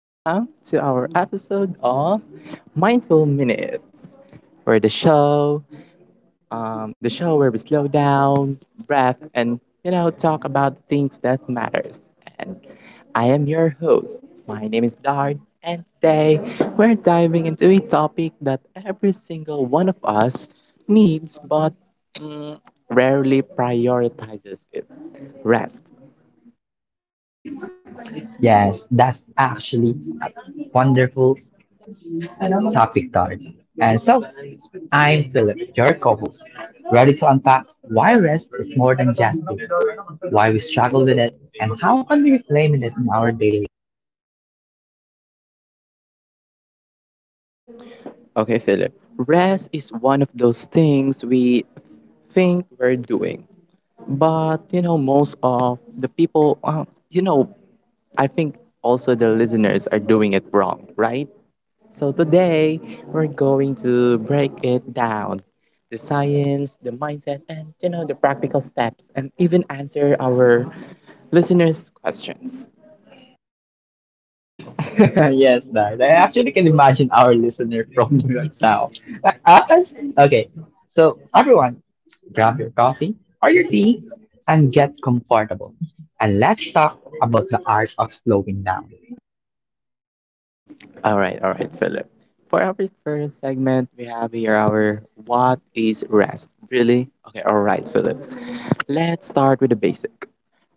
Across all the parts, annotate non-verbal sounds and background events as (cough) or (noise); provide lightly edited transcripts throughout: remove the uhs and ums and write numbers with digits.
Welcome to our episode of Mindful Minutes, where the show, the show where we slow down, breath, and talk about the things that matters. And I am your host. My name is Dard, and today we're diving into a topic that every single one of us needs, but mm, rarely prioritizes it: rest. Yes, that's actually a wonderful topic, Dart. And so, I'm Philip, your co host, ready to unpack why rest is more than just food, why we struggle with it, and how can we reclaim it in our daily Okay, Philip. Rest is one of those things we think we're doing, but most of the people, you know, I think also the listeners are doing it wrong, right? So today we're going to break it down the science, the mindset, and the practical steps, and even answer our listeners' questions. life. (laughs) Yes, Dart. I actually can imagine our listener from New York South. Like us? Okay, so everyone, grab your coffee or your tea and get comfortable. And let's talk about the art of slowing down. All right, Philip. For our first segment, we have here our what is rest? Really? Okay, all right, Philip. Let's start with the basic.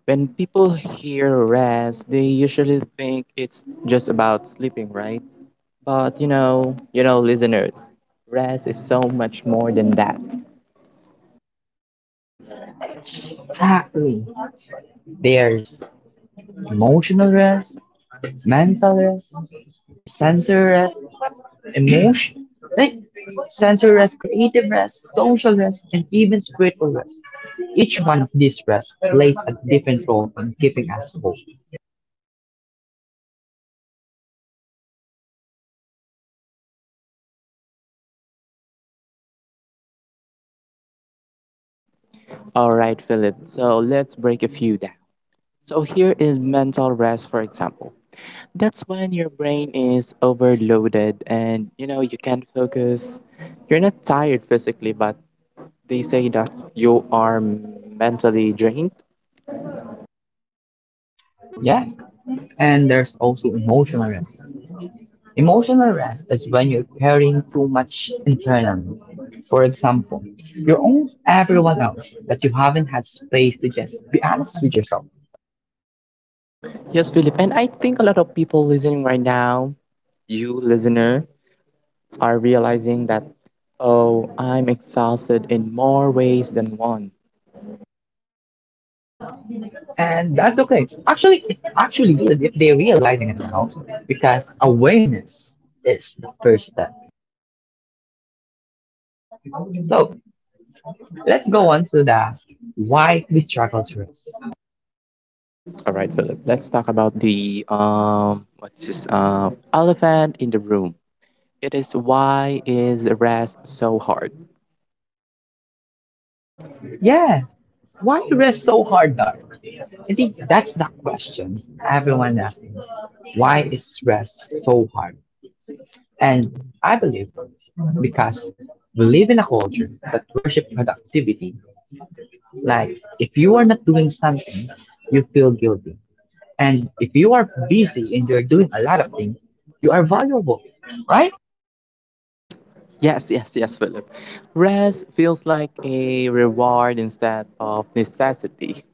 When people hear rest, they usually think it's just about sleeping, right? But listeners, rest is so much more than that. Exactly. There's emotional rest, mental rest, sensory rest, emotion, like sensory rest, creative rest, social rest, and even spiritual rest. Each one of these rests plays a different role in keeping us whole. All right, Philip. So let's break a few down. So here is mental rest, for example. That's when your brain is overloaded and you can't focus. You're not tired physically, but they say that you are mentally drained. Yeah, and there's also emotional rest. Emotional rest is when you're carrying too much internally. For example, you own everyone else, but you haven't had space to just be honest with yourself. Yes, Philip, and I think a lot of people listening right now, you listener, are realizing that oh, I'm exhausted in more ways than one. And that's okay. Actually, it's actually good if they're realizing it now, because awareness is the first step. So let's go on to the why we struggle to rest. All right, Philip, let's talk about the what's this elephant in the room. It is why is rest so hard? Yeah, why rest so hard, Dark? I think that's the question everyone asking. Why is rest so hard? And I believe because we live in a culture that worship productivity. Like if you are not doing something, you feel guilty. And if you are busy and you're doing a lot of things, you are valuable, right? Yes, yes, yes, Philip. Rest feels like a reward instead of necessity.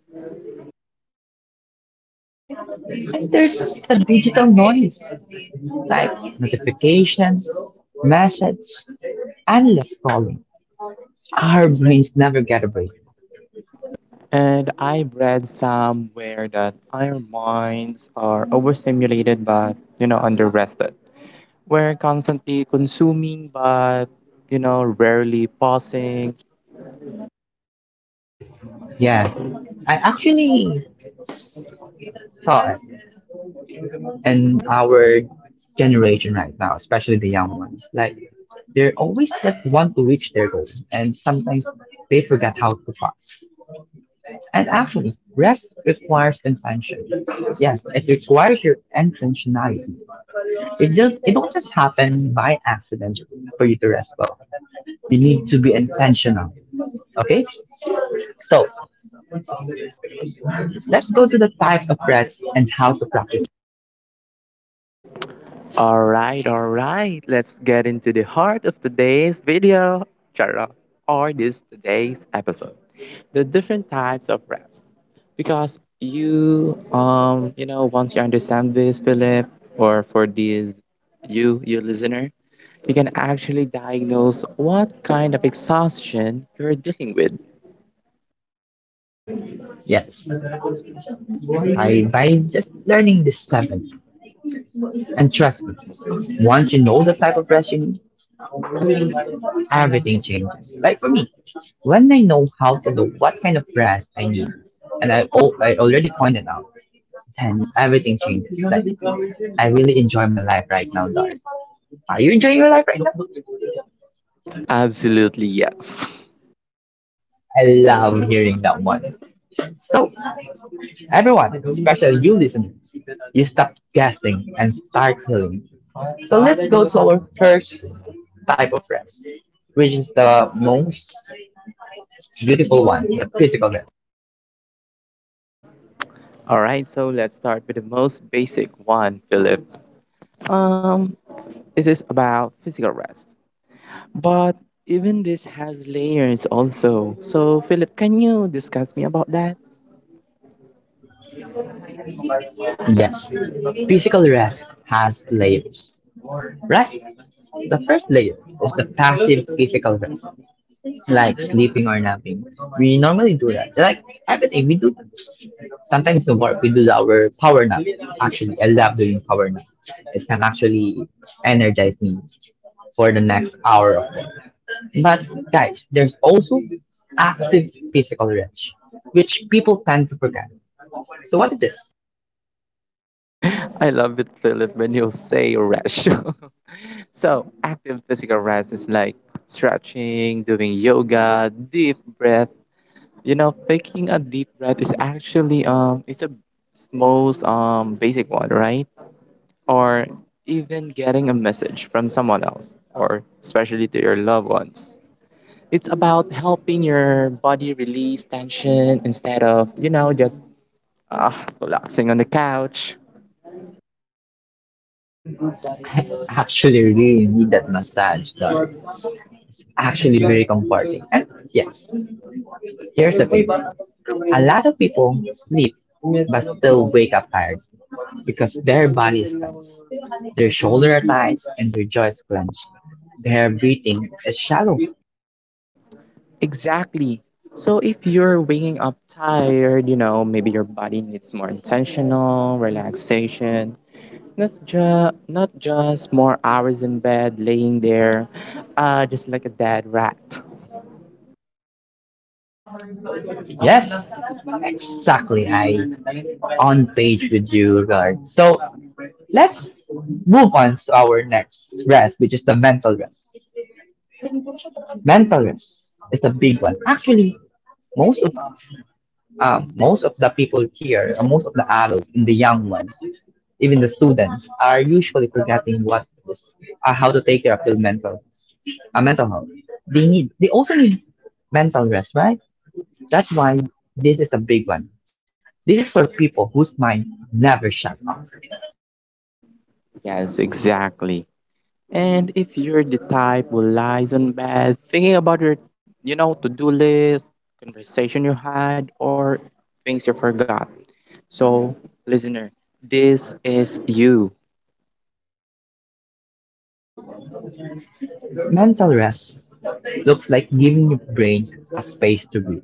And there's the digital noise, like notifications, message, endless scrolling. Our brains never get a break. And I read somewhere that our minds are overstimulated but, underrested. We're constantly consuming but, rarely pausing. Yeah, I actually saw it. And our generation right now, especially the young ones, like they're always like want to reach their goals, and sometimes they forget how to pause. And actually, rest requires intention. Yes, it requires your intentionality. It just it don't just happen by accident for you to rest well. You need to be intentional. Okay, so let's go to the types of rest and how to practice. All right, all right. Let's get into the heart of today's video, Chara, or this today's episode. The different types of rest because once you understand this, Philip, or for these, you listener, you can actually diagnose what kind of exhaustion you're dealing with. Yes, I by just learning this seven. And trust me, once you know the type of rest you need, everything changes. Like for me, when I know how to know what kind of rest I need, and I already pointed out, then everything changes. Like, I really enjoy my life right now, Dar. Are you enjoying your life right now? Absolutely yes. I love hearing that one. So, everyone, especially you listeners, you stop guessing and start healing. So, let's go to our first type of rest, which is the most beautiful one, the physical. All right, so let's start with the most basic one, Philip. um this is about physical rest, but even this has layers also. So, Philip, can you discuss me about that? Yes, physical rest has layers, right? The first layer is the passive physical rest, like sleeping or napping. We normally do that. Like everything we do. That. Sometimes in work we do our power nap. Actually, I love doing power nap. It can actually energize me for the next hour of work. But guys, there's also active physical rest, which people tend to forget. So what it is? (laughs) I love it, Philip, when you say rest. (laughs) So, active physical rest is like stretching, doing yoga, deep breath. You know, taking a deep breath is actually it's a most basic one, right? Or even getting a message from someone else, or especially to your loved ones. It's about helping your body release tension instead of just uh, collapsing on the couch. (laughs) I actually really need that massage, dog. It's actually very comforting. And yes, here's the thing. A lot of people sleep but still wake up tired because their body is tense. Their shoulders are tight and their jaws clenched. Their breathing is shallow. Exactly. So if you're waking up tired, maybe your body needs more intentional relaxation. Not just more hours in bed laying there, just like a dead rat. Yes, exactly. I on page with you, Lord. So let's move on to our next rest, which is the mental rest. Mental rest is a big one. Actually, most of most of the people here, or most of the adults and the young ones, even the students, are usually forgetting what is how to take care of their mental health. They also need mental rest, right? That's why this is a big one. This is for people whose mind never shut off. Yes, exactly. And if you're the type who lies on bed thinking about your, to-do list, conversation you had, or things you forgot. So, listener, this is you. Mental rest looks like giving your brain a space to breathe.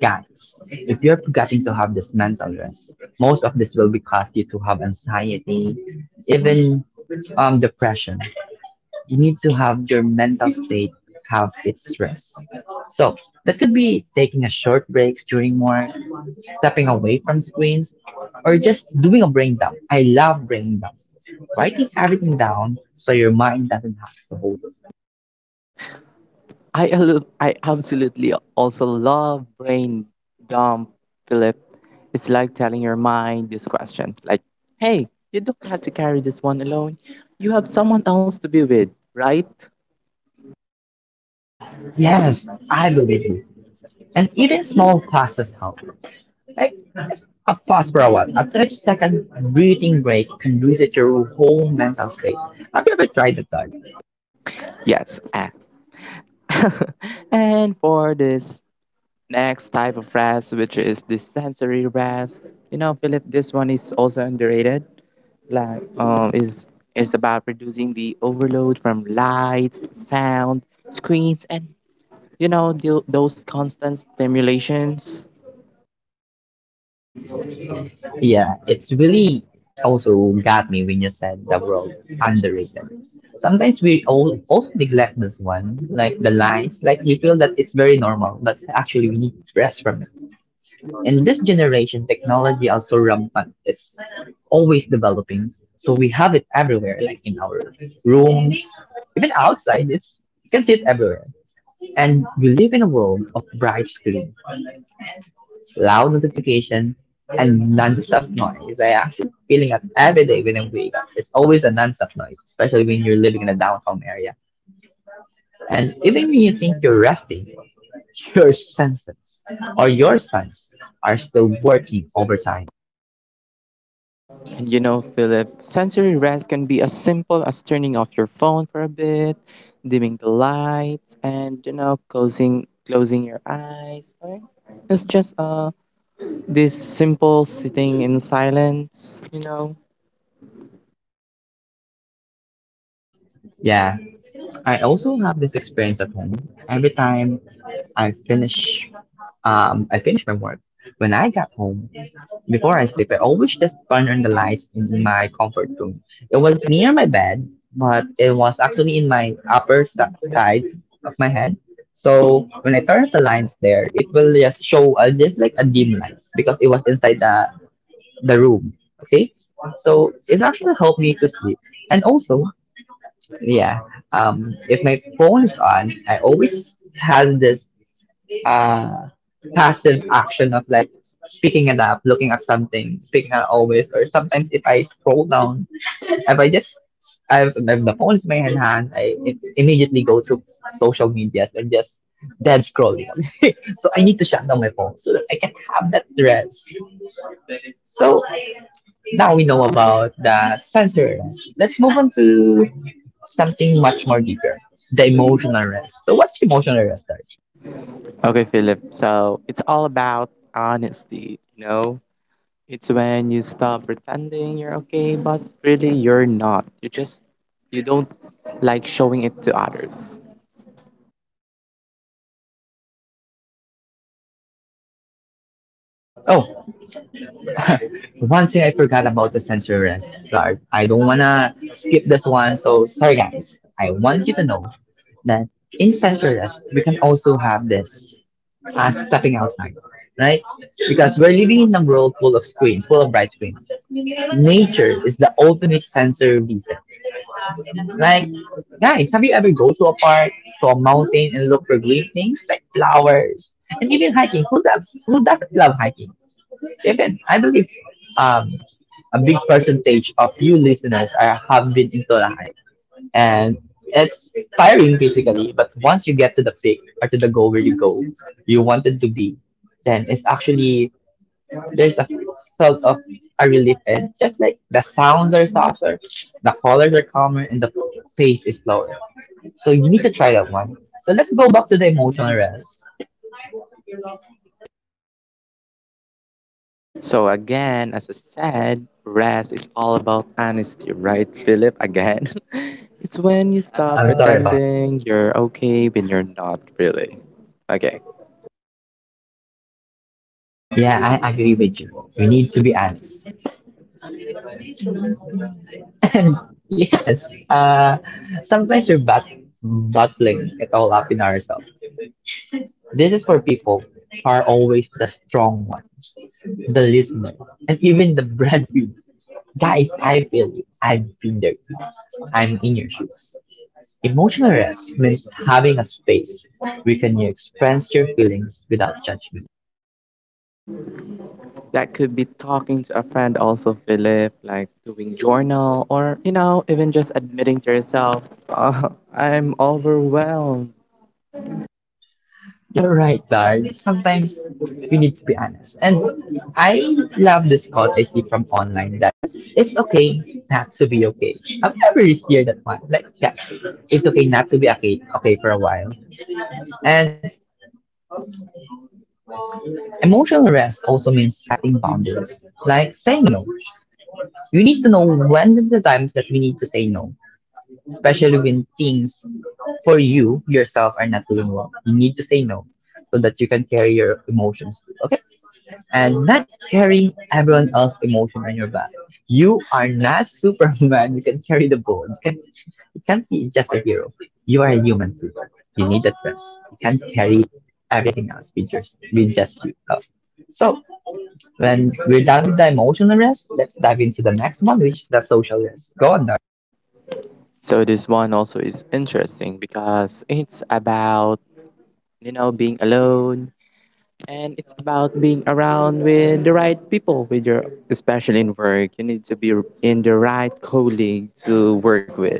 Guys, if you're forgetting to have this mental rest, most of this will be caused you to have anxiety, even depression. You need to have your mental state have its rest. So that could be taking a short break during work, stepping away from screens, or just doing a brain dump. I love brain dumps. Writing everything down so your mind doesn't have to hold. I absolutely also love brain dump, Philip. It's like telling your mind this question, like, "Hey, you don't have to carry this one alone. You have someone else to be with, right?" Yes, I believe you. And even small pauses help. Like just a pause for a while. A 30-second breathing break can reset your whole mental state. Have you ever tried that? Doug? Yes. Ah. (laughs) And for this next type of rest, which is the sensory rest, Philip, this one is also underrated. Like, is about reducing the overload from light, sound, screens, and those constant stimulations. Yeah, it's really also got me when you said the word underrated. Sometimes we all also neglect this one, like the lines, like we feel that it's very normal, but actually we need rest from. In this generation, technology also rampant. It's always developing. So we have it everywhere, like in our rooms, even outside. It's you can see it everywhere. And we live in a world of bright screens, loud notification, and non-stop noise. I actually feeling it every day when I wake up, it's always a non-stop noise, especially when you're living in a downtown area. And even when you think you're resting, your senses or your sense are still working overtime. And Philip, sensory rest can be as simple as turning off your phone for a bit, dimming the lights, and closing your eyes, or it's just this simple sitting in silence. Yeah, I also have this experience at home. Every time I finish I finished my work. When I got home, before I sleep, I always just turn on the lights in my comfort room. It was near my bed, but it was actually in my upper st- side of my head. So when I turn off the lights there, it will just show just like a dim lights because it was inside the room. Okay, so it actually helped me to sleep. And also, yeah, if my phone is on, I always has this uh passive action of like picking it up, looking at something, picking up always, or sometimes if I scroll down, if I just I've if the phone is my in hand, I it immediately go to social medias and just dead scrolling. (laughs) So I need to shut down my phone so that I can have that rest. So now we know about the sensory rest. Let's move on to something much more deeper, the emotional rest. So what's emotional rest, Darj? Okay, Philip, so it's all about honesty, it's when you stop pretending you're okay but really you're not, you just you don't like showing it to others. Oh, (laughs) one thing I forgot about the sensory start. I don't wanna skip this one, so sorry guys. I want you to know that in sensory rest, we can also have this as stepping outside, right? Because we're living in a world full of screens, full of bright screens. Nature is the ultimate sensory reset. Like, guys, have you ever go to a park, to a mountain, and look for green things like flowers, and even hiking? Who loves who doesn't love hiking? Even I believe um, a big percentage of you listeners are have been into Lahay, and it's tiring basically. But once you get to the peak or to the goal where you go, you wanted to be, then it's actually there's a sort of a relief, and just like the sounds are softer, the colors are calmer, and the pace is slower. So you need to try that one. So let's go back to the emotional rest. So again, as I said, rest is all about honesty, right, Philip? Again, (laughs) it's when you I'm stop sorry, Papa. I'm sorry about. Pretending you're okay when you're not really. Okay, Yeah, I agree with you. We need to be honest. (laughs) And yes, sometimes we're battling it all up in ourselves. This is for people who are always the strong one, the listener, and even the breadwinner. Guys, I feel you. I've been there too. I'm in your shoes. Emotional rest means having a space where can you express your feelings without judgment. that could be talking to a friend, also, Philip, like doing journal, or even just admitting to yourself, "Uh, (laughs) I'm overwhelmed." You're right, Dar. Sometimes we need to be honest. And I love this quote I see from online that it's okay not to be okay. I've never heard that one. Like, yeah, it's okay not to be okay, okay for a while. And emotional rest also means setting boundaries, like saying no. You need to know when is the times that we need to say no, especially when things for you yourself are not doing well. You need to say no so that you can carry your emotions. Through. Okay? And not carrying everyone else's emotion on your back. You are not Superman. You can carry the ball. You can you can't be just a hero. You are a human too. You need that rest. You can't carry everything else with just you. Love. So when we're done with the emotional rest, let's dive into the next one, which is the social rest. Go on, Dar. So this one also is interesting because it's about being alone. And it's about being around with the right people, with your, especially in work. You need to be in the right colleague to work with.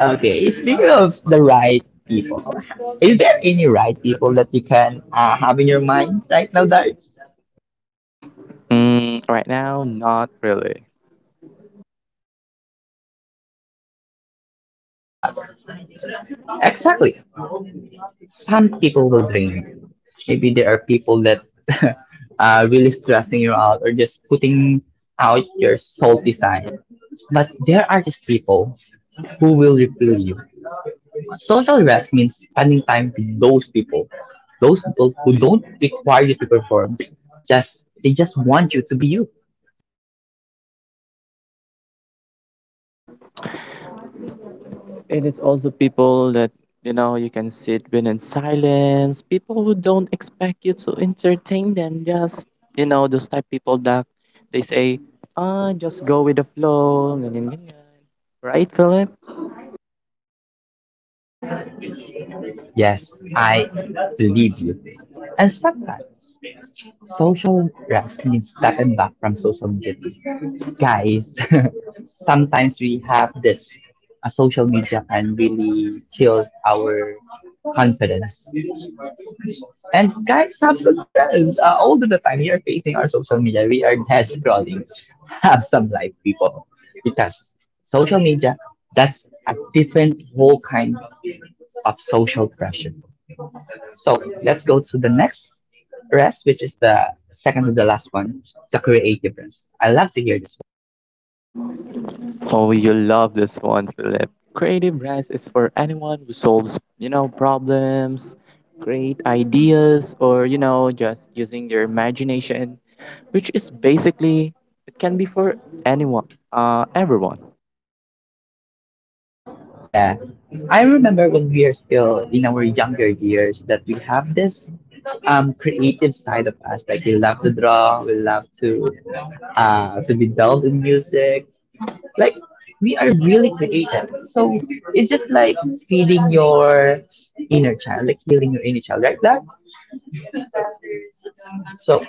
Okay, speaking of the right people, is there any right people that you can have in your mind right now, Dar? Mm, right now, not really. Okay, let's give it this time. Exactly. Some people will drain you. Maybe there are people that (laughs) are really stressing you out or just putting out your salty side. But there are just people who will refill you. Social rest means spending time with those people. Those people who don't require you to perform. Just they just want you to be you. And it's also people that, you can sit with in silence, people who don't expect you to entertain them. Just, those type people that they say, just go with the flow, ganyan, ganyan. Right, Philip? Yes, I believe you. And sometimes. Social rest means stepping back from social duty. Guys, (laughs) sometimes we have this. Social media can really kills our confidence. And guys, have some rest. All of the time we are facing our social media, we are dead scrolling. (laughs) Have some life, people. Because social media, that's a different whole kind of social pressure. So let's go to the next rest, which is the second to the last one, the creative rest. I love to hear this one. Oh, you love this one, Philip. Creative rest is for anyone who solves, problems, great ideas, or, just using their imagination, which is basically, it can be for anyone, everyone, Yeah, I remember when we are still in our younger years that we have this creative side of us. Like we love to draw, we love to be delved in music. Like we are really creative. So it's just like feeding your inner child, like healing your inner child, right? So,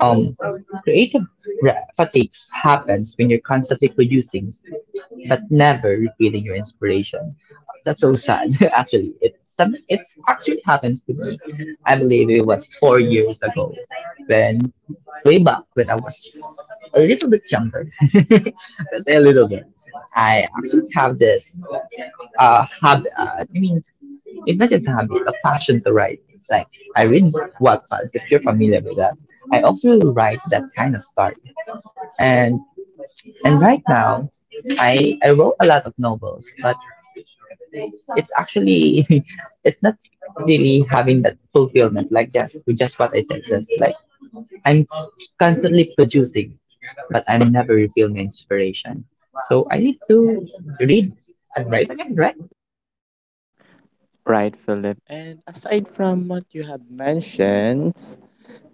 um, Creative fatigue happens when you're constantly producing, but never repeating your inspiration. That's so sad, (laughs) actually. It actually happens to me. I believe it was 4 years ago, when, way back when I was a little bit younger. (laughs) Let's say a little bit. I actually have this habit. I mean, it's not just a habit, a passion to write. It's like I read Wattpad, if you're familiar with that. I often write that kind of story, and right now, I wrote a lot of novels, but it's actually (laughs) it's not really having that fulfillment like just with just what I said. Just like I'm constantly producing, but I'm never refilling my inspiration. So I need to read and write again, right? right, Philip? And aside from what you have mentioned,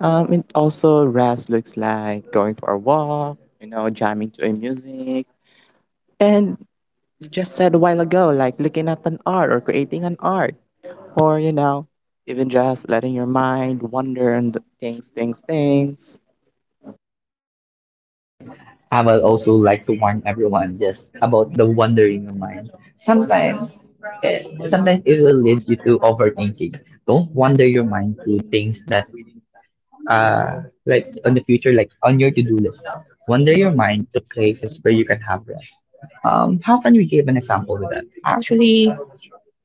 it also rest looks like going for a walk, jamming to a music, and you just said a while ago, like looking at an art or creating an art, or even just letting your mind wander and things. I would also like to warn everyone just about the wandering of mind. Sometimes it will lead you to overthinking. Don't wander your mind to things that like on the future, like on your to-do list. Wander your mind to places where you can have rest. How can we give an example with that? Actually,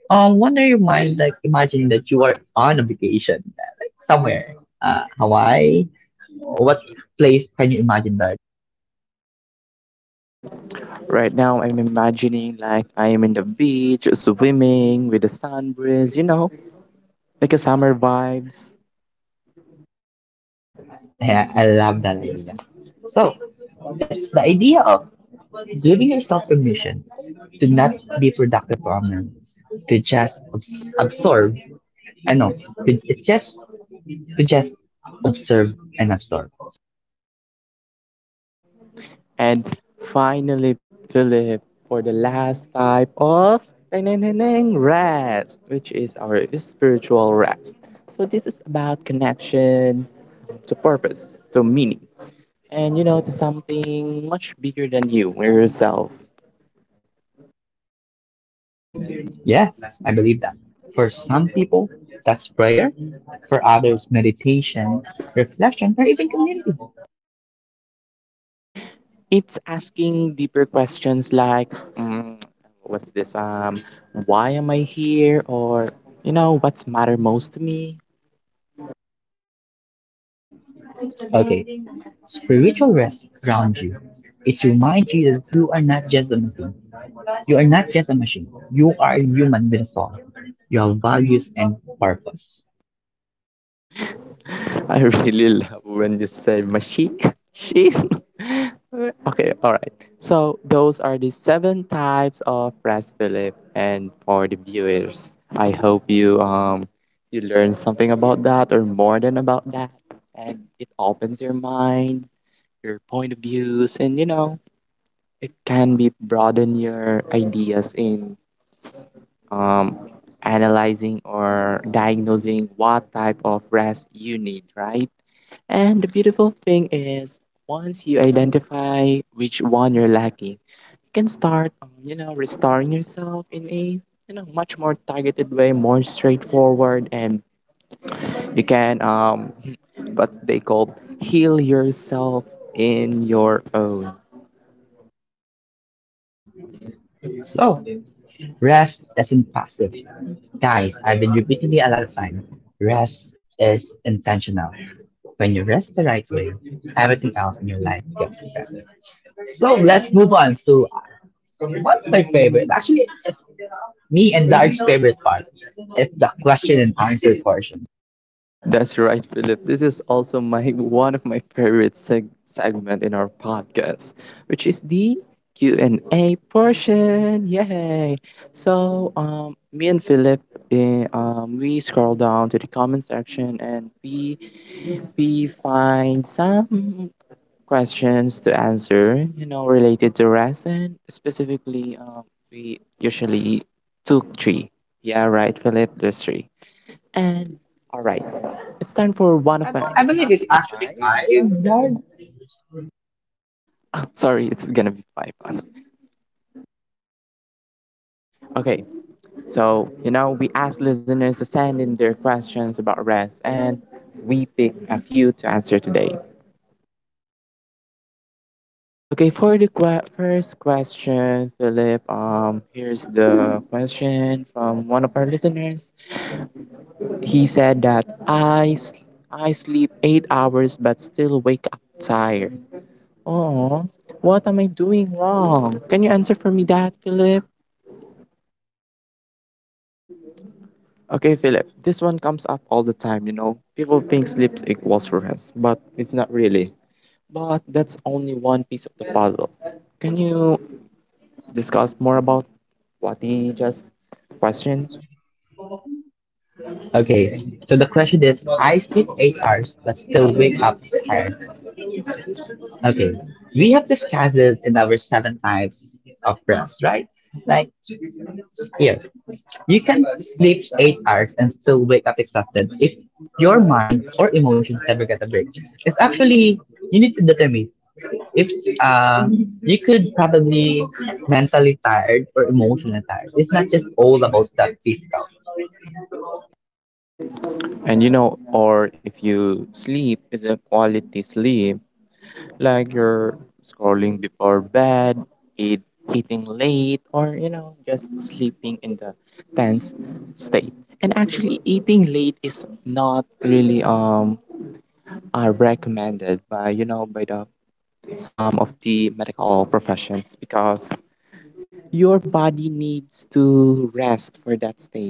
wander your mind like imagine that you are on a vacation, like somewhere, Hawaii. What place can you imagine that? Right now, I'm imagining like I am in the beach, swimming with the sun breeze, like a summer vibes. Yeah, I love that idea. So that's the idea of giving yourself permission to not be productive for a moment, to just absorb. I know, to just to just observe and absorb. And finally, Philip, for the last type of ding-ding-ding-ding, rest, which is our spiritual rest. So, this is about connection to purpose, to meaning, and to something much bigger than you or yourself. Yeah, I believe that. For some people, that's prayer. For others, meditation, reflection, or even community. It's asking deeper questions like mm, what's this why am I here, or what's matter most to me. Okay, spiritual rest grounds you. It reminds you that you are not just a machine. You are not just a machine. You are a human with a soul. You have values and purpose. (laughs) I really love when you say mashi (laughs) she (laughs) Okay, all right, so those are the seven types of press, Philip, and for the viewers, I hope you learn something about that or more than about that, and it opens your mind, your point of views, and it can be broaden your ideas in um, analyzing or diagnosing what type of rest you need, right? And the beautiful thing is, once you identify which one you're lacking, you can start, restoring yourself in a much more targeted way, more straightforward, and you can (laughs) what they call heal yourself in your own. So, rest isn't passive. Guys, I've been repeating it a lot of time. Rest is intentional. When you rest the right way, everything else in your life gets better. So let's move on to one of my favorite. Actually, it's me and Dark's favorite part. It's the question and answer portion. That's right, Philip. This is also my (laughs) one of my favorite segment in our podcast, which is the Q&A portion. Yay! So, me and Philip, we scroll down to the comment section and we find some questions to answer. You know, related to resin specifically. We usually took three. Yeah, right, Philip. There's three. And all right, it's time for one of I my. Believe I it's believe it's actually actually five. five, Dark. Oh, sorry, it's gonna be five. Okay, so we asked listeners to send in their questions about rest, and we picked a few to answer today. Okay, for the first question, Philip. Here's the question from one of our listeners. He said that I sleep 8 hours but still wake up tired. Oh, what am I doing wrong? Can you answer for me that, Philip? Okay, Philip, this one comes up all the time. People think sleep equals rest, but it's not really. But that's only one piece of the puzzle. Can you discuss more about what he just questioned? Okay, so the question is, I sleep 8 hours but still wake up tired. Okay, we have discussed it in our 7 types of rest, right? Like, yeah, you can sleep 8 hours and still wake up exhausted if your mind or emotions never get a break. It's actually you need to determine if you could probably mentally tired or emotionally tired. It's not just all about that physical. And or if you sleep is a quality sleep, like you're scrolling before bed, eat, eating late, or just sleeping in the tense state. And actually, eating late is not really are recommended by by the some of the medical professions because your body needs to rest for that state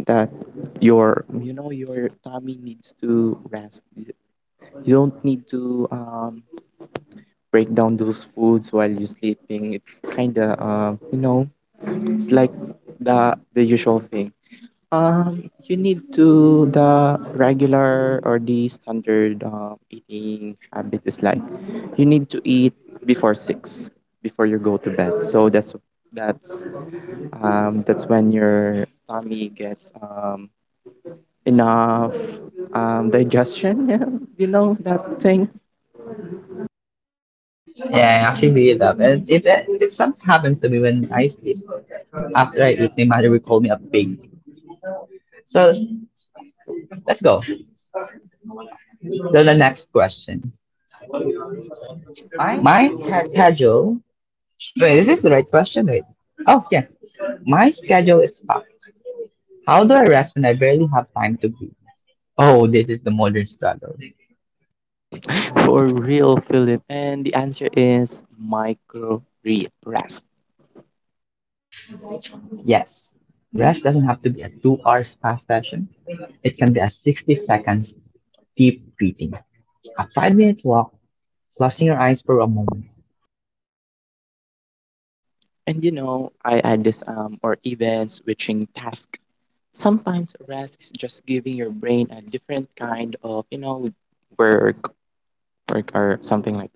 that your you know your tummy needs to rest. You don't need to break down those foods while you're sleeping. It's kind of, it's like the usual thing. You need to the regular or the standard eating habit is like you need to eat before six before you go to bed. So that's that's that's when your tummy gets enough digestion. (laughs) Yeah, you know that thing. Yeah, I actually really love it. It something happens to me when I sleep. After I eat, my mother will call me a pig. So let's go to the next question. My schedule. Wait, is this the right question? Wait. Oh, yeah. My schedule is packed. How do I rest when I barely have time to breathe? Oh, this is the modern struggle. (laughs) For real, Philip. And the answer is micro rest. Yes. Rest doesn't have to be a 2 hours fast session. It can be a 60 seconds deep breathing, a 5 minute walk, closing your eyes for a moment. And I add this or even switching task. Sometimes rest is just giving your brain a different kind of, work, work or something like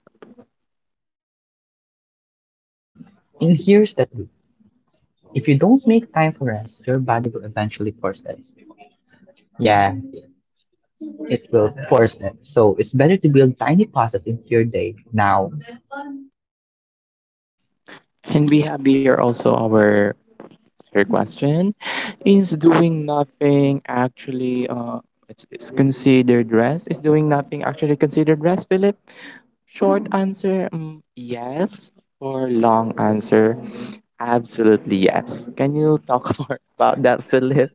And here's the truth. If you don't make time for rest, your body will eventually force it. Yeah, it will force it. So it's better to build tiny pauses into your day now. that. And we have here also our third question. Is doing nothing actually it's considered rest? Is doing nothing actually considered rest, Philip? Short answer, yes. Or long answer, absolutely yes. Can you talk (laughs) more about that, Philip?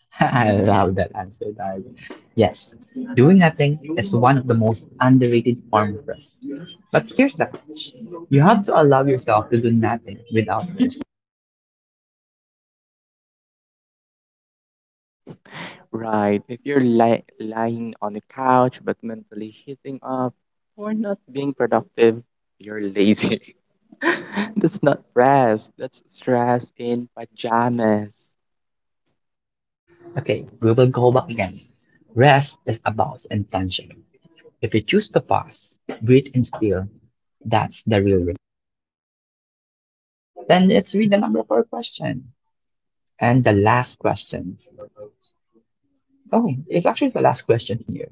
(laughs) I love that answer, darling. Yes, doing nothing is one of the most underrated forms of rest. But here's the catch. You have to allow yourself to do nothing without it. Right. If you're lying on the couch but mentally hitting up or not being productive, you're lazy. (laughs) That's not stress. That's stress in pajamas. Okay, we will go back again. Rest is about intention. If you choose to pause, breathe and still, that's the real rest. Then let's read the number 4 question. And the last question. Oh, it's actually the last question here.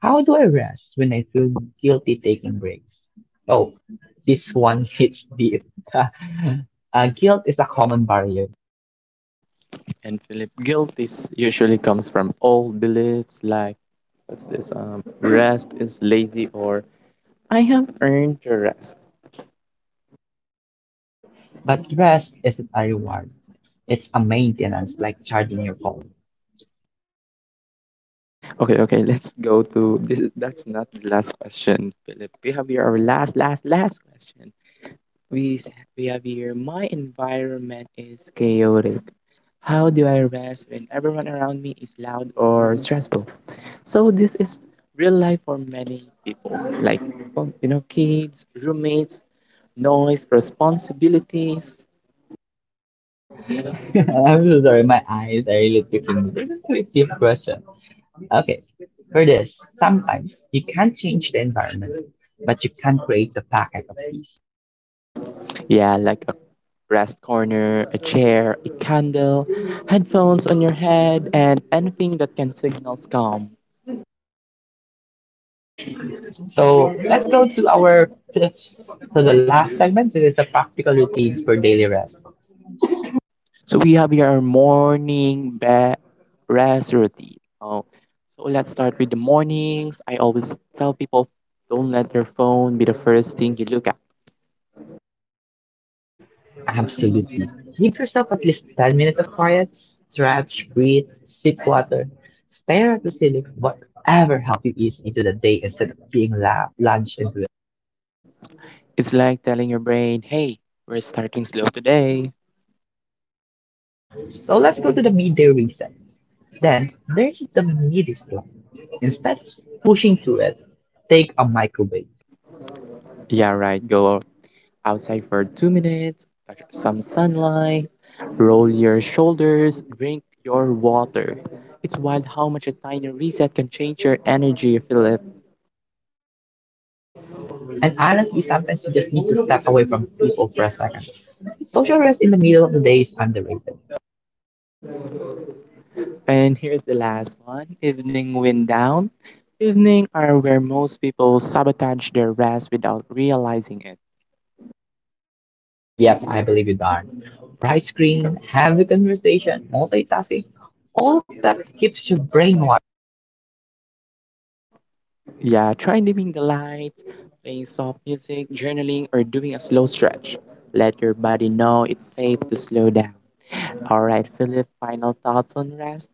How do I rest when I feel guilty taking breaks? Oh, this one hits deep. (laughs) uh, guilt is a common barrier, And Philip, guilt is usually comes from old beliefs like what's this? Rest is lazy or I have earned your rest. but rest isn't a reward. It's a maintenance, like charging your phone. Okay, okay, let's go to this. That's not the last question, Philip. We have here our last, last, last question. We have here. My environment is chaotic. How do I rest when everyone around me is loud or stressful? So this is real life for many people, like oh, kids, roommates, noise, responsibilities. (laughs) I'm so sorry, my eyes are really picking me. This is a deep question. Okay, for this, sometimes you can't change the environment, but you can create the packet of peace. Yeah, like rest corner, a chair, a candle, headphones on your head, and anything that can signal calm. So let's go to our fifth, to the last segment. This is the practical routines for daily rest. So we have your morning bed rest routine. Oh, so let's start with the mornings. I always tell people don't let your phone be the first thing you look at. Absolutely. Give yourself at least 10 minutes of quiet, stretch, breathe, sip water, stare at the ceiling, whatever helps you ease into the day instead of being launched into it. It's like telling your brain, hey, we're starting slow today. So let's go to the midday reset. Then there's the midi slump. Instead of pushing through it, take a microwave. Yeah, right, go outside for 2 minutes, touch some sunlight, roll your shoulders, drink your water. It's wild how much a tiny reset can change your energy, Philip. And honestly, sometimes you just need to step away from people for a second. Social rest in the middle of the day is underrated. And here's the last one evening wind down. Evening are where most people sabotage their rest without realizing it. Yep, I believe you, Darn. Bright screen, heavy conversation, multitasking, all of that keeps your brain wide. Yeah, try dimming the lights, playing soft music, journaling, or doing a slow stretch. Let your body know it's safe to slow down. All right, Philip, final thoughts on rest?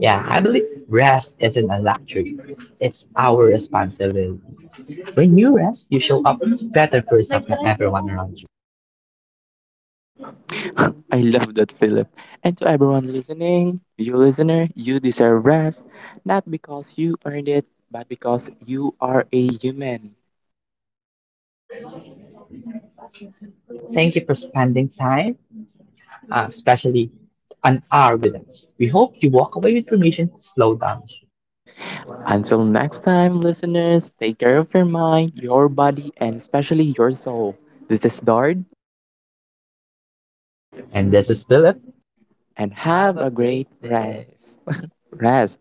Yeah, I believe rest isn't a luxury. It's our responsibility. When you rest, you show up better for yourself and everyone around you. (laughs) I love that, Philip. And to everyone listening, you listener, you deserve rest, not because you earned it, but because you are a human. Thank you for spending time, especially an hour with us. We hope you walk away with permission to slow down. Until next time, listeners, take care of your mind, your body, and especially your soul. This is Dard, And this is Philip. and have a great rest. Rest.